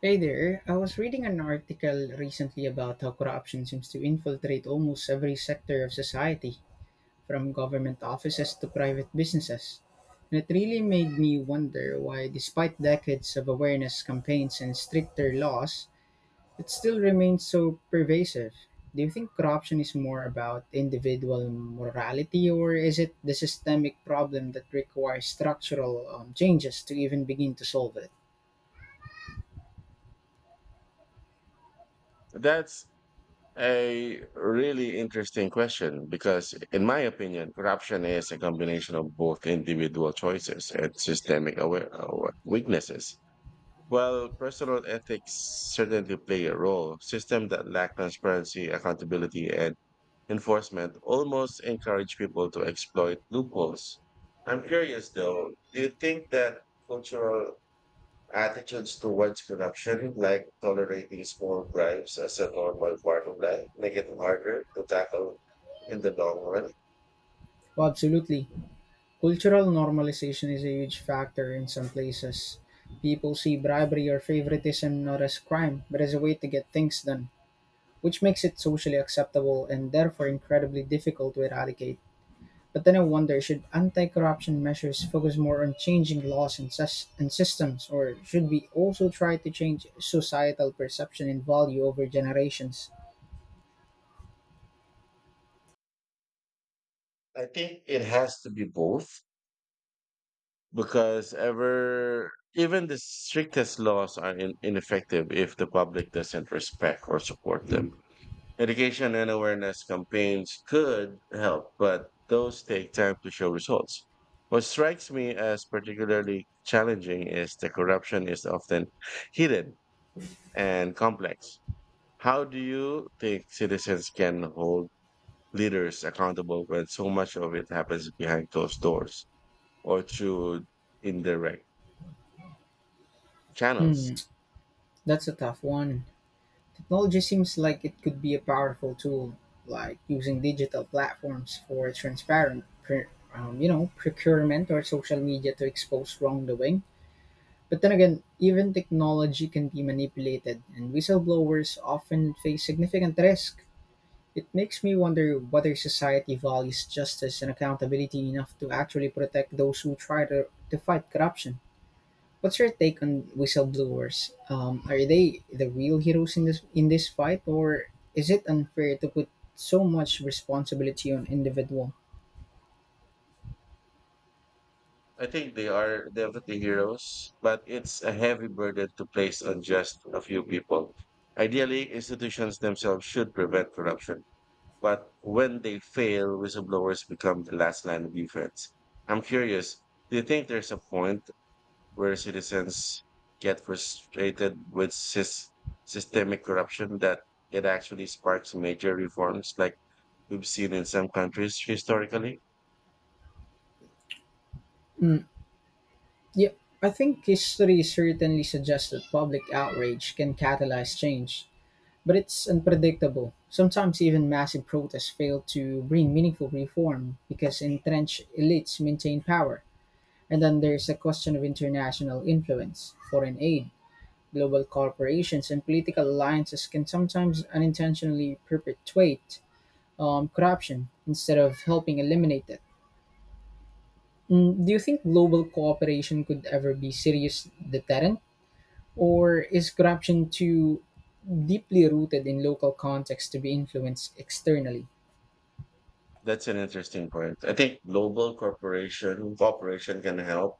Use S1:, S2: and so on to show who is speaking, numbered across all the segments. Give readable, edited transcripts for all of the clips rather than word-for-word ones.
S1: Hey there, I was reading an article recently about how corruption seems to infiltrate almost every sector of society, from government offices to private businesses. And it really made me wonder why, despite decades of awareness campaigns and stricter laws, it still remains so pervasive. Do you think corruption is more about individual morality, or is it the systemic problem that requires structural changes to even begin to solve it?
S2: That's a really interesting question because, in my opinion, corruption is a combination of both individual choices and systemic weaknesses. While personal ethics certainly play a role, systems that lack transparency, accountability, and enforcement almost encourage people to exploit loopholes. I'm curious though, do you think that cultural attitudes towards corruption, like tolerating small bribes as a normal part of life, make it harder to tackle in the long run?
S1: Well, absolutely. Cultural normalization is a huge factor in some places. People see bribery or favoritism not as crime, but as a way to get things done, which makes it socially acceptable and therefore incredibly difficult to eradicate. But then I wonder, should anti corruption measures focus more on changing laws and systems, or should we also try to change societal perception and value over generations?
S2: I think it has to be both because ever even the strictest laws are ineffective if the public doesn't respect or support them. Education and awareness campaigns could help, but those take time to show results. What strikes me as particularly challenging is the corruption is often hidden and complex. How do you think citizens can hold leaders accountable when so much of it happens behind closed doors or through indirect channels?
S1: Hmm, that's a tough one. Technology seems like it could be a powerful tool, like using digital platforms for transparent, procurement or social media to expose wrongdoing. But then again, even technology can be manipulated, and whistleblowers often face significant risk. It makes me wonder whether society values justice and accountability enough to actually protect those who try to fight corruption. What's your take on whistleblowers? Are they the real heroes in this fight, or is it unfair to put so much responsibility on individual?
S2: I think they are definitely heroes, but it's a heavy burden to place on just a few people. Ideally, institutions themselves should prevent corruption, but when they fail, whistleblowers become the last line of defense. I'm curious, do you think there's a point where citizens get frustrated with systemic corruption that it actually sparks major reforms like we've seen in some countries historically?
S1: Mm, yeah, I think history certainly suggests that public outrage can catalyze change, but it's unpredictable. Sometimes even massive protests fail to bring meaningful reform because entrenched elites maintain power. And then there's the question of international influence, foreign aid, global corporations and political alliances can sometimes unintentionally perpetuate corruption instead of helping eliminate it. Do you think global cooperation could ever be serious deterrent? Or is corruption too deeply rooted in local context to be influenced externally?
S2: That's an interesting point. I think global cooperation can help,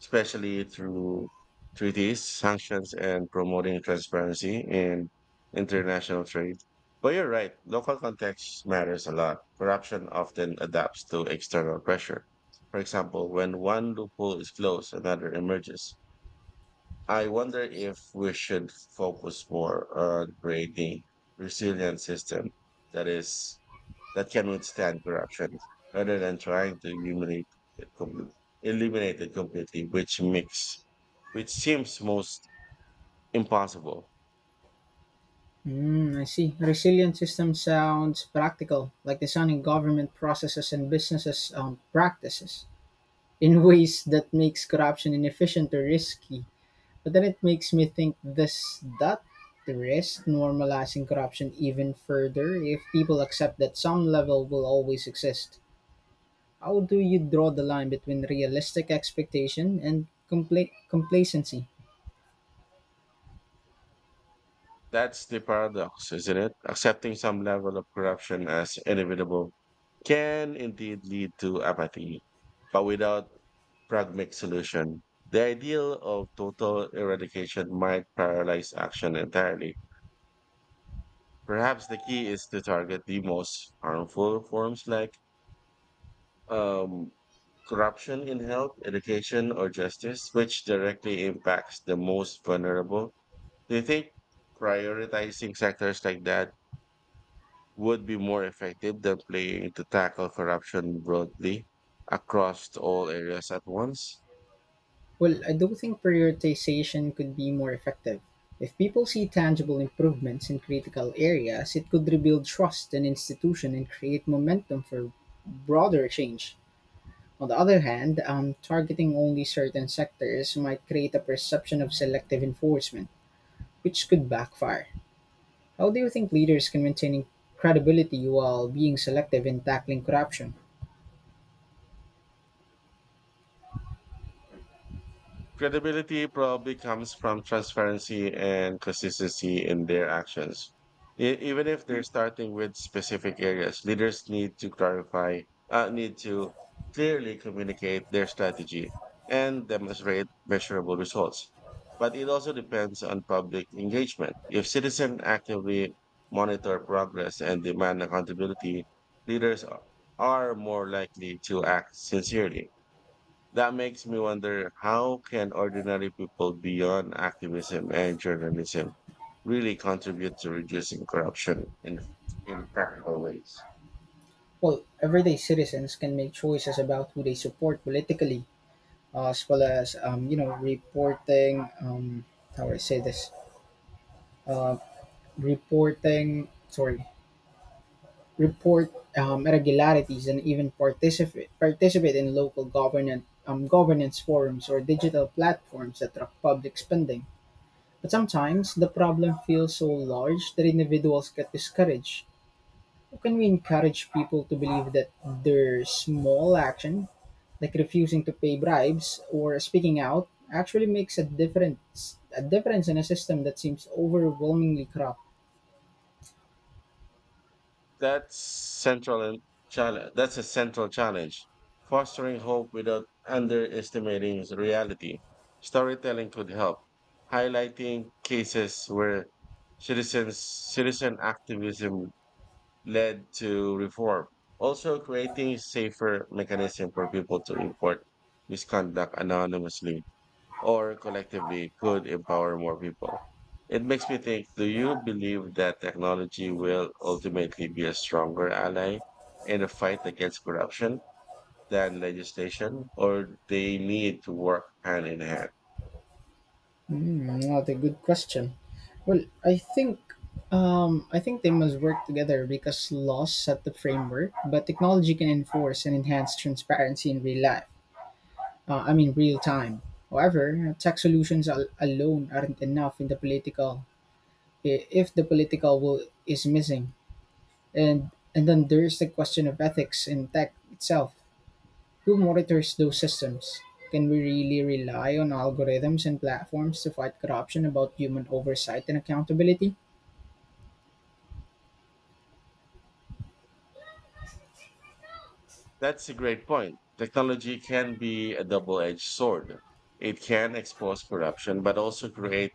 S2: especially through treaties, sanctions, and promoting transparency in international trade. But you're right, local context matters a lot. Corruption often adapts to external pressure. For example, when one loophole is closed, another emerges. I wonder if we should focus more on creating resilient system that is that can withstand corruption rather than trying to it completely, eliminate it completely, which seems most impossible.
S1: I see. A resilient system sounds practical, like designing government processes and businesses practices in ways that makes corruption inefficient or risky. But then it makes me think, does that risk normalizing corruption even further if people accept that some level will always exist? How do you draw the line between realistic expectation and complacency?
S2: That's the paradox, isn't it? Accepting some level of corruption as inevitable can indeed lead to apathy, but without pragmatic solution, the ideal of total eradication might paralyze action entirely. Perhaps the key is to target the most harmful forms like um, corruption in health, education, or justice, which directly impacts the most vulnerable. Do you think prioritizing sectors like that would be more effective than playing to tackle corruption broadly across all areas at once?
S1: Well, I do think prioritization could be more effective. If people see tangible improvements in critical areas, it could rebuild trust in institution and create momentum for broader change. On the other hand, targeting only certain sectors might create a perception of selective enforcement, which could backfire. How do you think leaders can maintain credibility while being selective in tackling corruption?
S2: Credibility probably comes from transparency and consistency in their actions. E- even if they're starting with specific areas, leaders need to uh, need to clearly communicate their strategy and demonstrate measurable results. But it also depends on public engagement. If citizens actively monitor progress and demand accountability, leaders are more likely to act sincerely. That makes me wonder, how can ordinary people beyond activism and journalism really contribute to reducing corruption in practical ways?
S1: Well, everyday citizens can make choices about who they support politically, as well as reporting. How do I say this? Uh, Reporting. Sorry, report irregularities and even participate in local government governance forums or digital platforms that track public spending. But sometimes the problem feels so large that individuals get discouraged. How can we encourage people to believe that their small action, like refusing to pay bribes or speaking out, actually makes a difference? A difference in a system that seems overwhelmingly corrupt.
S2: That's central That's a central challenge. Fostering hope without underestimating reality. Storytelling could help, highlighting cases where citizens citizen activism led to reform, also creating safer mechanism for people to report misconduct anonymously or collectively could empower more people. It makes me think, do you believe that technology will ultimately be a stronger ally in the fight against corruption than legislation, or they need to work hand in hand?
S1: What a good question. Well, I think they must work together because laws set the framework, but technology can enforce and enhance transparency in real life. I mean, real time. However, tech solutions alone aren't enough in if the political will is missing, and and then there's the question of ethics in tech itself. Who monitors those systems? Can we really rely on algorithms and platforms to fight corruption about human oversight and accountability?
S2: That's a great point. Technology can be a double-edged sword. It can expose corruption, but also create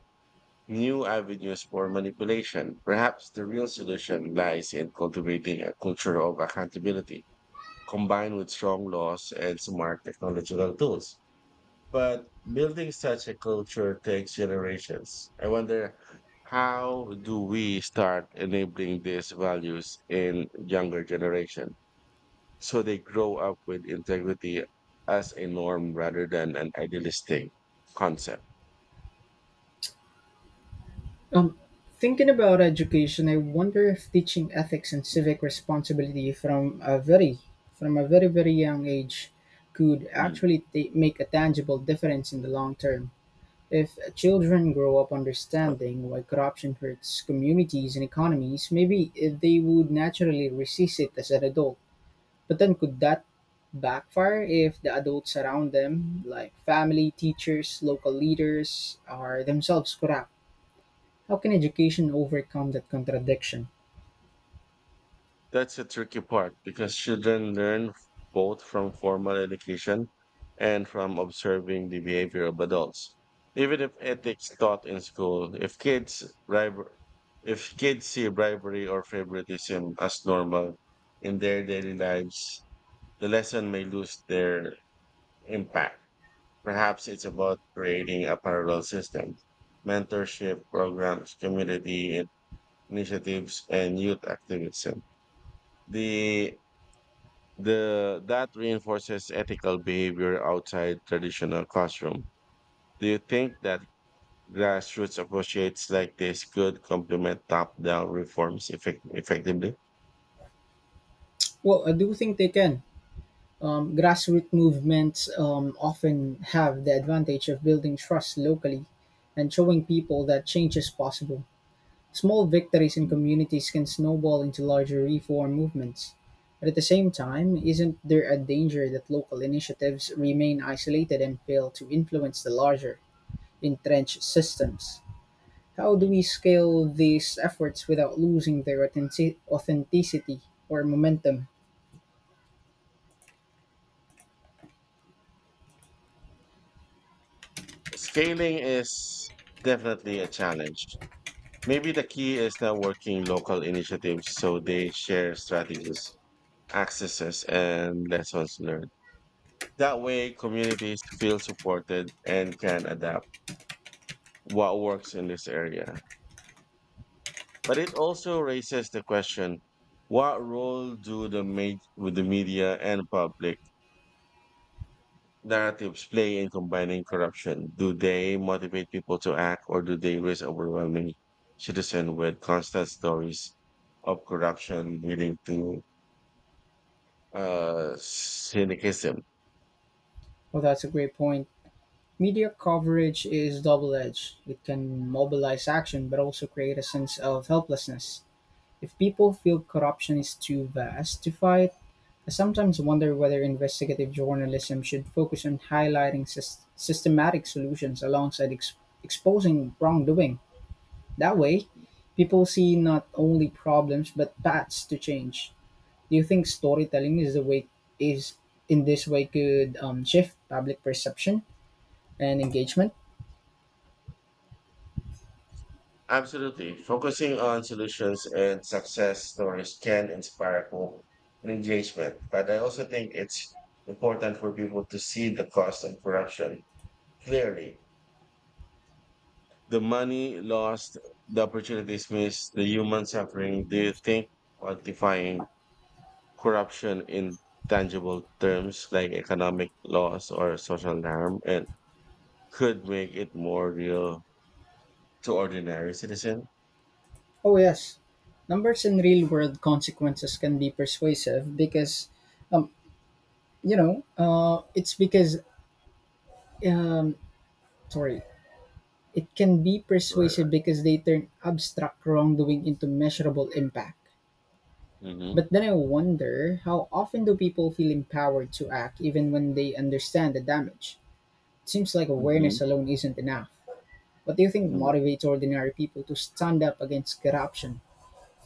S2: new avenues for manipulation. Perhaps the real solution lies in cultivating a culture of accountability combined with strong laws and smart technological tools. But building such a culture takes generations. I wonder, how do we start enabling these values in younger generation so they grow up with integrity as a norm rather than an idealistic concept?
S1: Um, Thinking about education, I wonder if teaching ethics and civic responsibility from a very young age could
S2: Hmm.
S1: actually make a tangible difference in the long term. If children grow up understanding why corruption hurts communities and economies, maybe they would naturally resist it as an adult. But then could that backfire if the adults around them, like family, teachers, local leaders, are themselves corrupt? How can education overcome that contradiction?
S2: That's a tricky part because children learn both from formal education and from observing the behavior of adults. Even if ethics taught in school, if brib- if kids see bribery or favoritism as normal in their daily lives, the lesson may lose their impact. Perhaps it's about creating a parallel system, mentorship programs, community initiatives, and youth activism. The the that reinforces ethical behavior outside traditional classroom. Do you think that grassroots approaches like this could complement top-down reforms effectively?
S1: Well, I do think they can. Grassroots movements often have the advantage of building trust locally and showing people that change is possible. Small victories in
S2: Mm.
S1: communities can snowball into larger reform movements. But at the same time, isn't there a danger that local initiatives remain isolated and fail to influence the larger, entrenched systems? How do
S2: Mm.
S1: we scale these efforts without losing their authenticity or momentum?
S2: Scaling is definitely a challenge. Maybe the key is networking local initiatives so they share strategies, accesses, and lessons learned. That way, communities feel supported and can adapt what works in this area. But it also raises the question, what role do the ma- with the media and public narratives play in combining corruption? Do they motivate people to act or do they risk overwhelming citizens with constant stories of corruption leading to syncretism?
S1: Well, that's a great point. Media coverage is double edged. It can mobilize action but also create a sense of helplessness. If people feel corruption is too vast to fight, I sometimes wonder whether investigative journalism should focus on highlighting systematic solutions alongside exposing wrongdoing. That way, people see not only problems but paths to change. Do you think storytelling is the way is in this way could shift public perception and engagement?
S2: Absolutely. Focusing on solutions and success stories can inspire hope and engagement. But I also think it's important for people to see the cost of corruption clearly. The money lost, the opportunities missed, the human suffering. Do you think quantifying corruption in tangible terms like economic loss or social harm and could make it more real to ordinary citizen?
S1: Oh yes, numbers and real world consequences can be persuasive because, um, you know, it's because um, sorry It can be persuasive because they turn abstract wrongdoing into measurable impact.
S2: Mm-hmm.
S1: But then I wonder, how often do people feel empowered to act even when they understand the damage? It seems like
S2: Mm-hmm.
S1: awareness alone isn't enough. What do you think motivates ordinary people to stand up against corruption?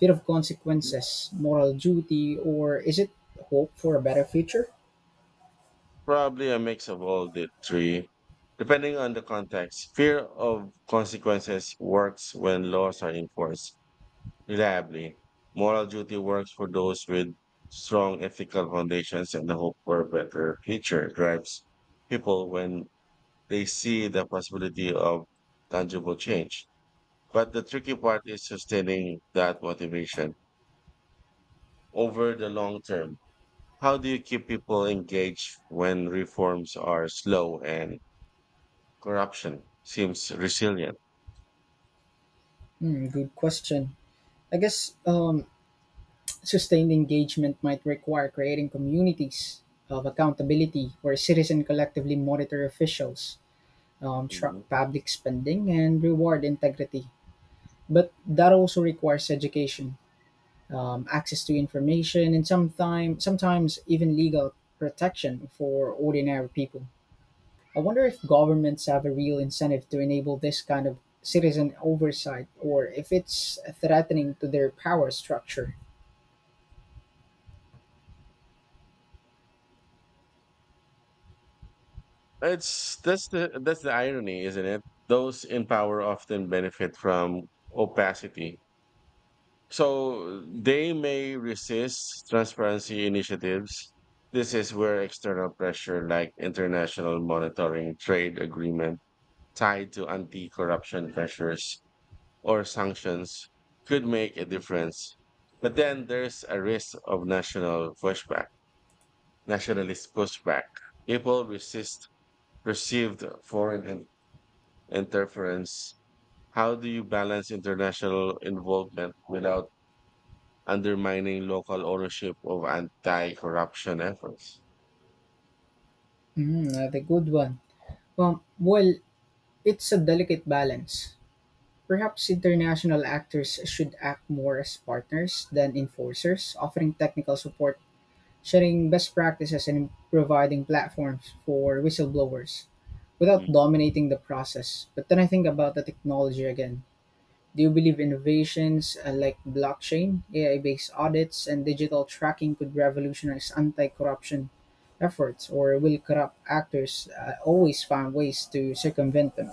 S1: Fear of consequences, moral duty, or is it hope for a better future?
S2: Probably a mix of all the three, depending on the context. Fear of consequences works when laws are enforced reliably. Moral duty works for those with strong ethical foundations, and the hope for a better future drives people when they see the possibility of tangible change. But the tricky part is sustaining that motivation over the long term. How do you keep people engaged when reforms are slow and corruption seems resilient?
S1: Hmm, good question. I guess um, Sustained engagement might require creating communities of accountability where citizens collectively monitor officials, track
S2: Mhm.
S1: public spending, and reward integrity. But that also requires education, access to information, and sometimes even legal protection for ordinary people. I wonder if governments have a real incentive to enable this kind of citizen oversight or if it's threatening to their power structure.
S2: It's that's the irony, isn't it? Those in power often benefit from opacity, so they may resist transparency initiatives. This is where external pressure like international monitoring, trade agreement tied to anti-corruption measures or sanctions could make a difference. But then there's a risk of nationalist pushback. People resist perceived foreign interference. How do you balance international involvement without undermining local ownership of anti corruption efforts?
S1: That's a good one. Um, well, it's a delicate balance. Perhaps international actors should act more as partners than enforcers, offering technical support, sharing best practices, and providing platforms for whistleblowers without
S2: Mm.
S1: dominating the process. But then I think about the technology again. Do you believe innovations like blockchain, AI based audits, and digital tracking could revolutionize anti corruption efforts, or will corrupt actors always find ways to circumvent them?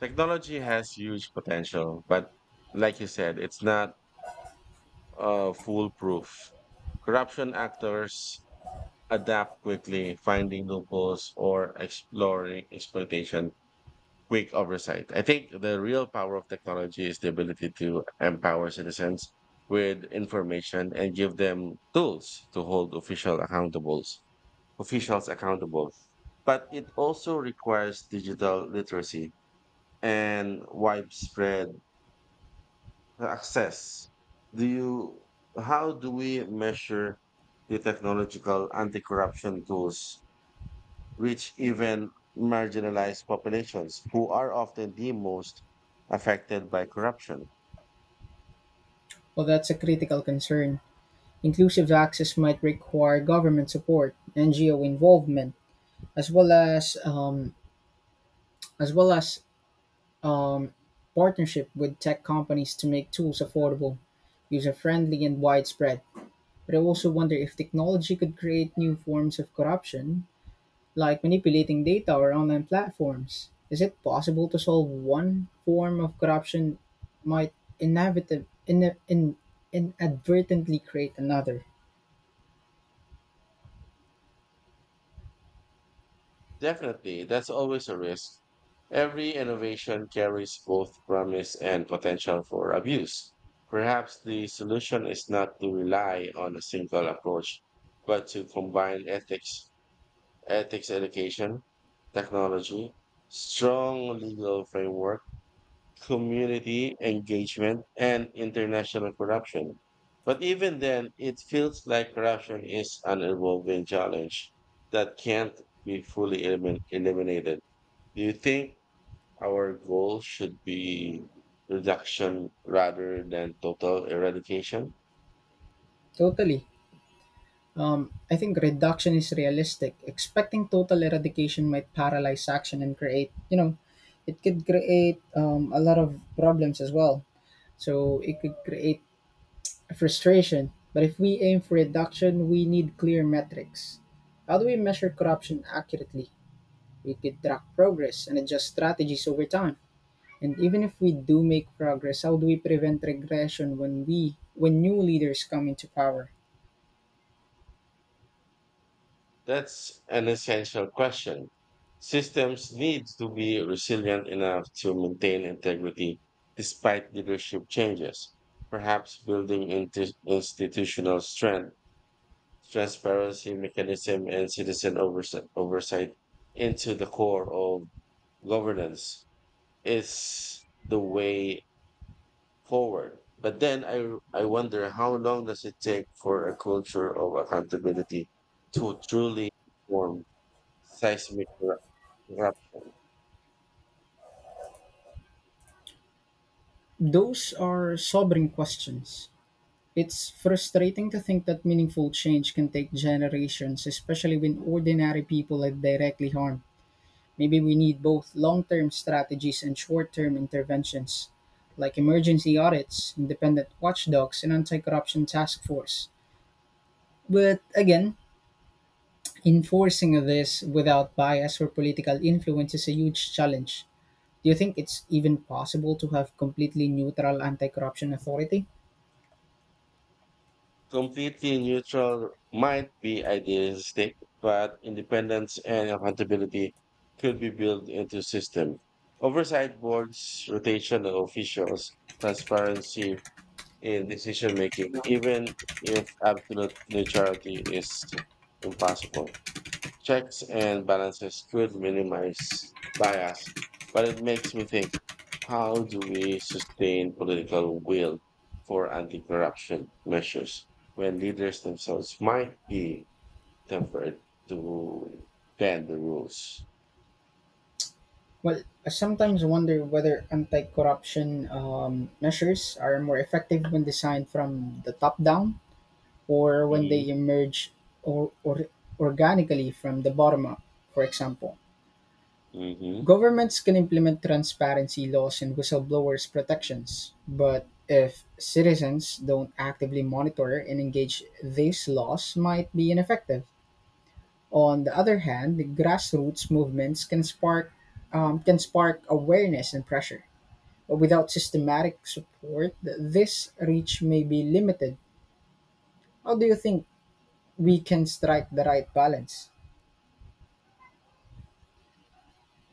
S2: Technology has huge potential, but like you said, it's not foolproof. Corruption actors adapt quickly, finding loopholes or exploring exploitation. Quick oversight. I think the real power of technology is the ability to empower citizens with information and give them tools to officials accountable. But it also requires digital literacy and widespread access. Do you How do we measure the technological anti-corruption tools which even marginalized populations who are often the most affected by corruption?
S1: Well, that's a critical concern, inclusive access might require government support, NGO involvement, as well as um, as well as um, partnership with tech companies to make tools affordable, user friendly, and widespread. But I also wonder if technology could create new forms of corruption, like manipulating data or online platforms. Is it possible to solve one form of corruption might inevitably inadvertently create another?
S2: Definitely, that's always a risk. Every innovation carries both promise and potential for abuse. Perhaps the solution is not to rely on a single approach, but to combine ethics education, technology, strong legal framework, community engagement, and international corruption. But even then, it feels like corruption is an evolving challenge that can't be fully eliminated. Do you think our goal should be reduction rather than total eradication?
S1: Totally. I think reduction is realistic. Expecting total eradication might paralyze action and it could create a lot of problems as well. So it could create frustration. But if we aim for reduction, we need clear metrics. How do we measure corruption accurately? We could track progress and adjust strategies over time. And even if we do make progress, how do we prevent regression when new leaders come into power?
S2: That's an essential question. Systems need to be resilient enough to maintain integrity despite leadership changes. Perhaps building into institutional strength, transparency mechanism, and oversight into the core of governance is the way forward. But then I wonder how long does it take for a culture of accountability to truly form? seismic eru- eruption.
S1: Those are sobering questions. It's frustrating to think that meaningful change can take generations, especially when ordinary people are directly harmed. Maybe we need both long term strategies and short term interventions, like emergency audits, independent watchdogs, and anti corruption task force. But again, enforcing this without bias or political influence is a huge challenge. Do you think it's even possible to have completely neutral anti corruption authority?
S2: Completely neutral might be idealistic, but independence and accountability could be built into system. Oversight boards, rotation of officials, transparency in decision making, even if absolute neutrality is impossible. Checks and balances could minimize bias, but it makes me think, how do we sustain political will for anti corruption measures when leaders themselves might be tempered to bend the rules?
S1: Well, I sometimes wonder whether anti corruption measures are more effective when designed from the top down or when
S2: Mhm.
S1: they emerge or organically from the bottom up, for example.
S2: Hmm.
S1: Governments can implement transparency laws and whistleblowers' protections, but if citizens don't actively monitor and engage, these laws might be ineffective. On the other hand, grassroots movements can spark awareness and pressure without systematic support, this reach may be limited. How do you think we can strike the right balance?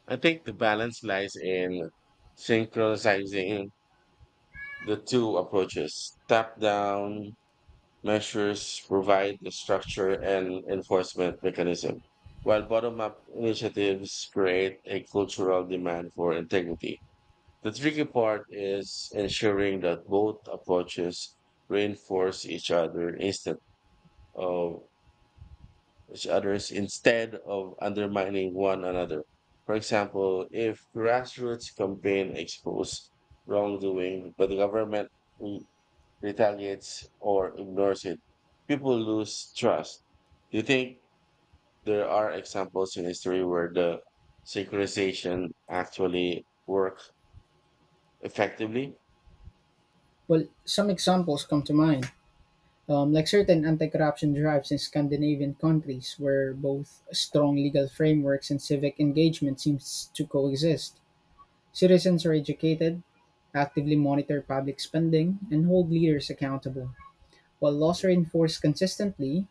S2: I think the balance lies in synchronizing the two approaches. Top down measures provide the structure and enforcement mechanism, while bottom up initiatives create a cultural demand for integrity. The tricky part is ensuring that both approaches reinforce of each other's instead of undermining one another. For example, if grassroots campaign expose wrongdoing, but the government mm, retaliates or ignores it, people lose trust. Do you think there are examples in history where the synchronization actually worked effectively?
S1: Well, some examples come to mind, like certain anti corruption drives in Scandinavian countries where both strong legal frameworks and civic engagement seems to coexist. Citizens are educated, actively monitor public spending, and hold leaders accountable. While laws are
S2: Mm-hmm.
S1: enforced consistently,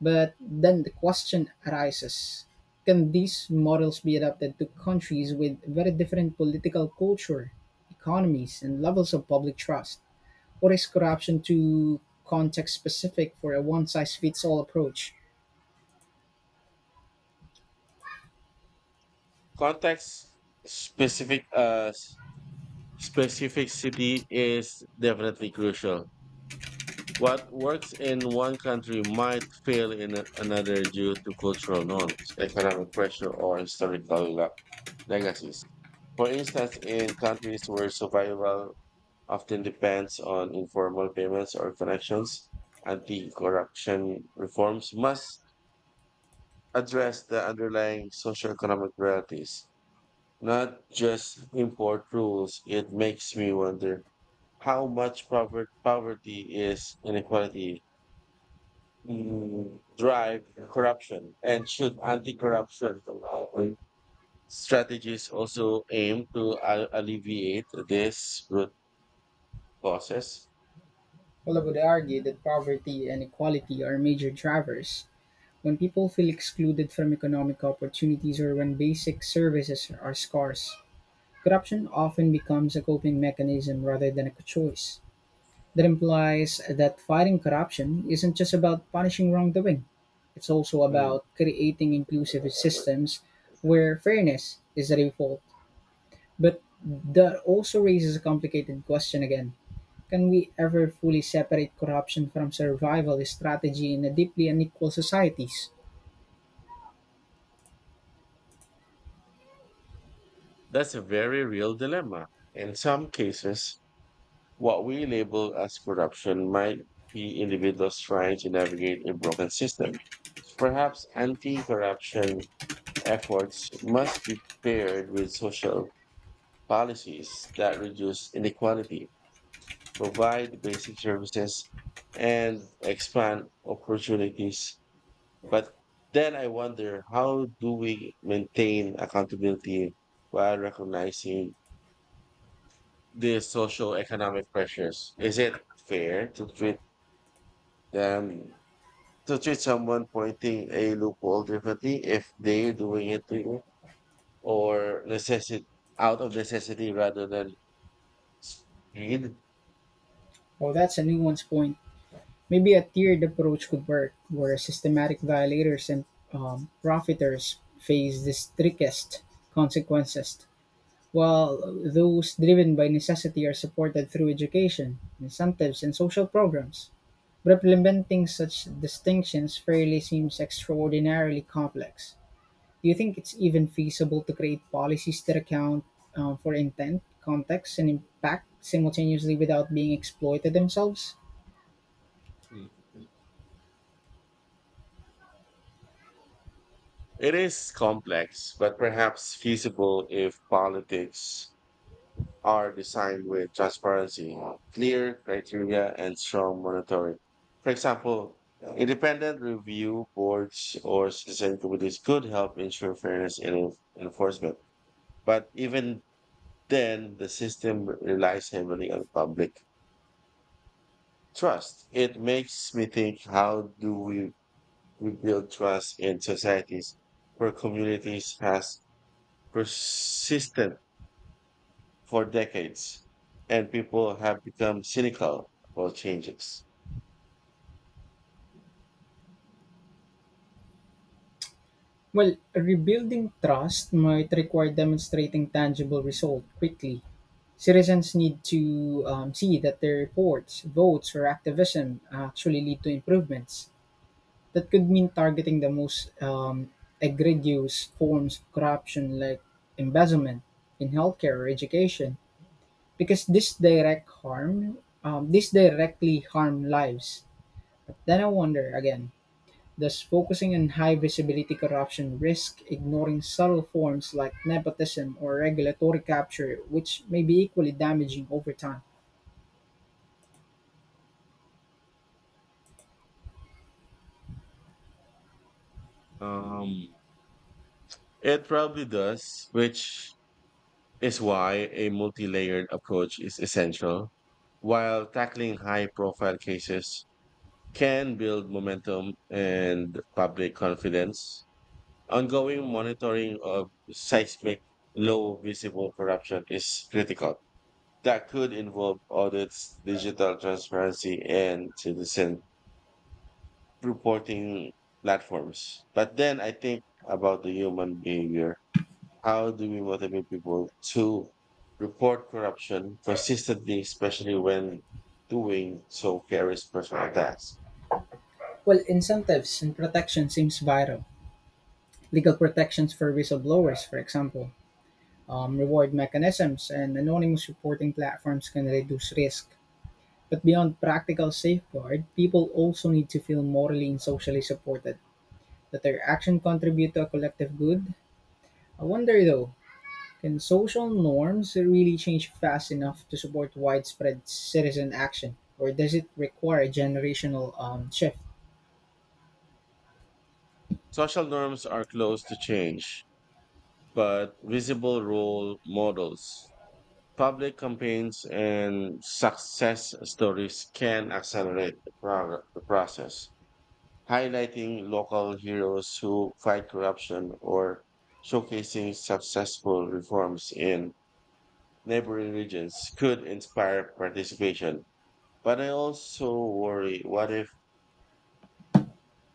S1: but then the question arises, can these models be adapted to countries with very different political culture, economies, and levels of public trust? Or is corruption too context specific for a one size fits all approach?
S2: Context specific uh, s- Specificity is definitely crucial. What works in one country might fail in another due to cultural norms, economic pressure, or historical legacies. For instance, in countries where survival often depends on informal payments or connections, anti corruption reforms must address the underlying socioeconomic realities, not just import rules. It makes me wonder how much poverty is inequality drive corruption, and should anti-corruption strategies also aim to alleviate this root causes?
S1: Well, I would argue that poverty and inequality are major drivers. When people feel excluded from economic opportunities or when basic services are scarce, corruption often becomes a coping mechanism rather than a choice. That implies that fighting corruption isn't just about punishing wrongdoing, it's also
S2: Mm.
S1: about creating inclusive systems where fairness is the default. But that also raises a complicated question again. Can we ever fully separate corruption from survival strategy in a deeply unequal societies?
S2: That's a very real dilemma. In some cases what we label as corruption might be individuals trying to navigate a broken system. Perhaps anti-corruption efforts must be paired with social policies that reduce inequality, provide basic services, and expand opportunities. But then I wonder, how do we maintain accountability while recognizing the social economic pressures? Is it fair to treat them to treat someone pointing a loophole differently if they're doing it to you or necessity out of necessity rather than greed?
S1: Well, that's a nuanced point. Maybe a tiered approach could work, where systematic violators and profiters face the strictest consequences, while those driven by necessity are supported through education, incentives, and social programs. But implementing such distinctions fairly seems extraordinarily complex. Do you think it's even feasible to create policies that account for intent, context, and impact simultaneously without being exploited themselves?
S2: It is complex, but perhaps feasible if politics are designed with transparency, clear criteria, and strong monitoring. For example, independent review boards or citizen committees could help ensure fairness in enforcement. But even then, the system relies heavily on public trust. It makes me think, how do we rebuild trust in societies where communities has persisted for decades, and people have become cynical about changes?
S1: Well, rebuilding trust might require demonstrating tangible result quickly. Citizens need to see that their reports, votes, or activism actually lead to improvements. That could mean targeting the most egregious forms of corruption like embezzlement in healthcare or education, because this directly harm lives. Then I wonder again, does focusing on high visibility corruption risk ignoring subtle forms like nepotism or regulatory capture, which may be equally damaging over time?
S2: Um, it probably does, which is why a multi layered approach is essential. While tackling high profile cases can build momentum and public confidence, ongoing monitoring of seismic low visible corruption is critical. That could involve audits, digital transparency, and citizen reporting platforms. But then I think about the human behavior. How do we motivate people to report corruption consistently, especially when doing so carries personal attacks?
S1: Well, incentives and protection seems vital. Legal protections for whistleblowers, for example, reward mechanisms, and anonymous reporting platforms can reduce risk. But beyond practical safeguard, people also need to feel morally and socially supported, that their action contribute to a collective good. I wonder though, can social norms really change fast enough to support widespread citizen action, or does it require a generational shift?
S2: Social norms are close to change, but visible role models, public campaigns, and success stories can accelerate the process. Highlighting local heroes who fight corruption or showcasing successful reforms in neighboring regions could inspire participation. But I also worry, what if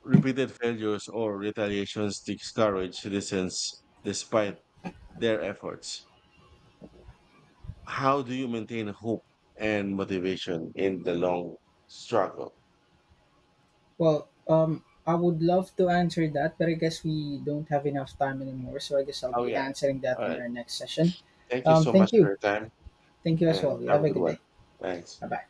S2: repeated failures or retaliations discourage citizens despite their efforts? How do you maintain hope and motivation in the long struggle?
S1: Well, I would love to answer that, but I guess we don't have enough time anymore. So I guess I'll
S2: Oh,
S1: be
S2: yeah.
S1: answering that
S2: All
S1: on
S2: right.
S1: our next session.
S2: Thank you so much
S1: Thank
S2: for
S1: you.
S2: your time
S1: Thank you as
S2: and
S1: well. You
S2: have
S1: have
S2: a
S1: a
S2: good
S1: good
S2: one.
S1: day.
S2: Thanks.
S1: Bye bye.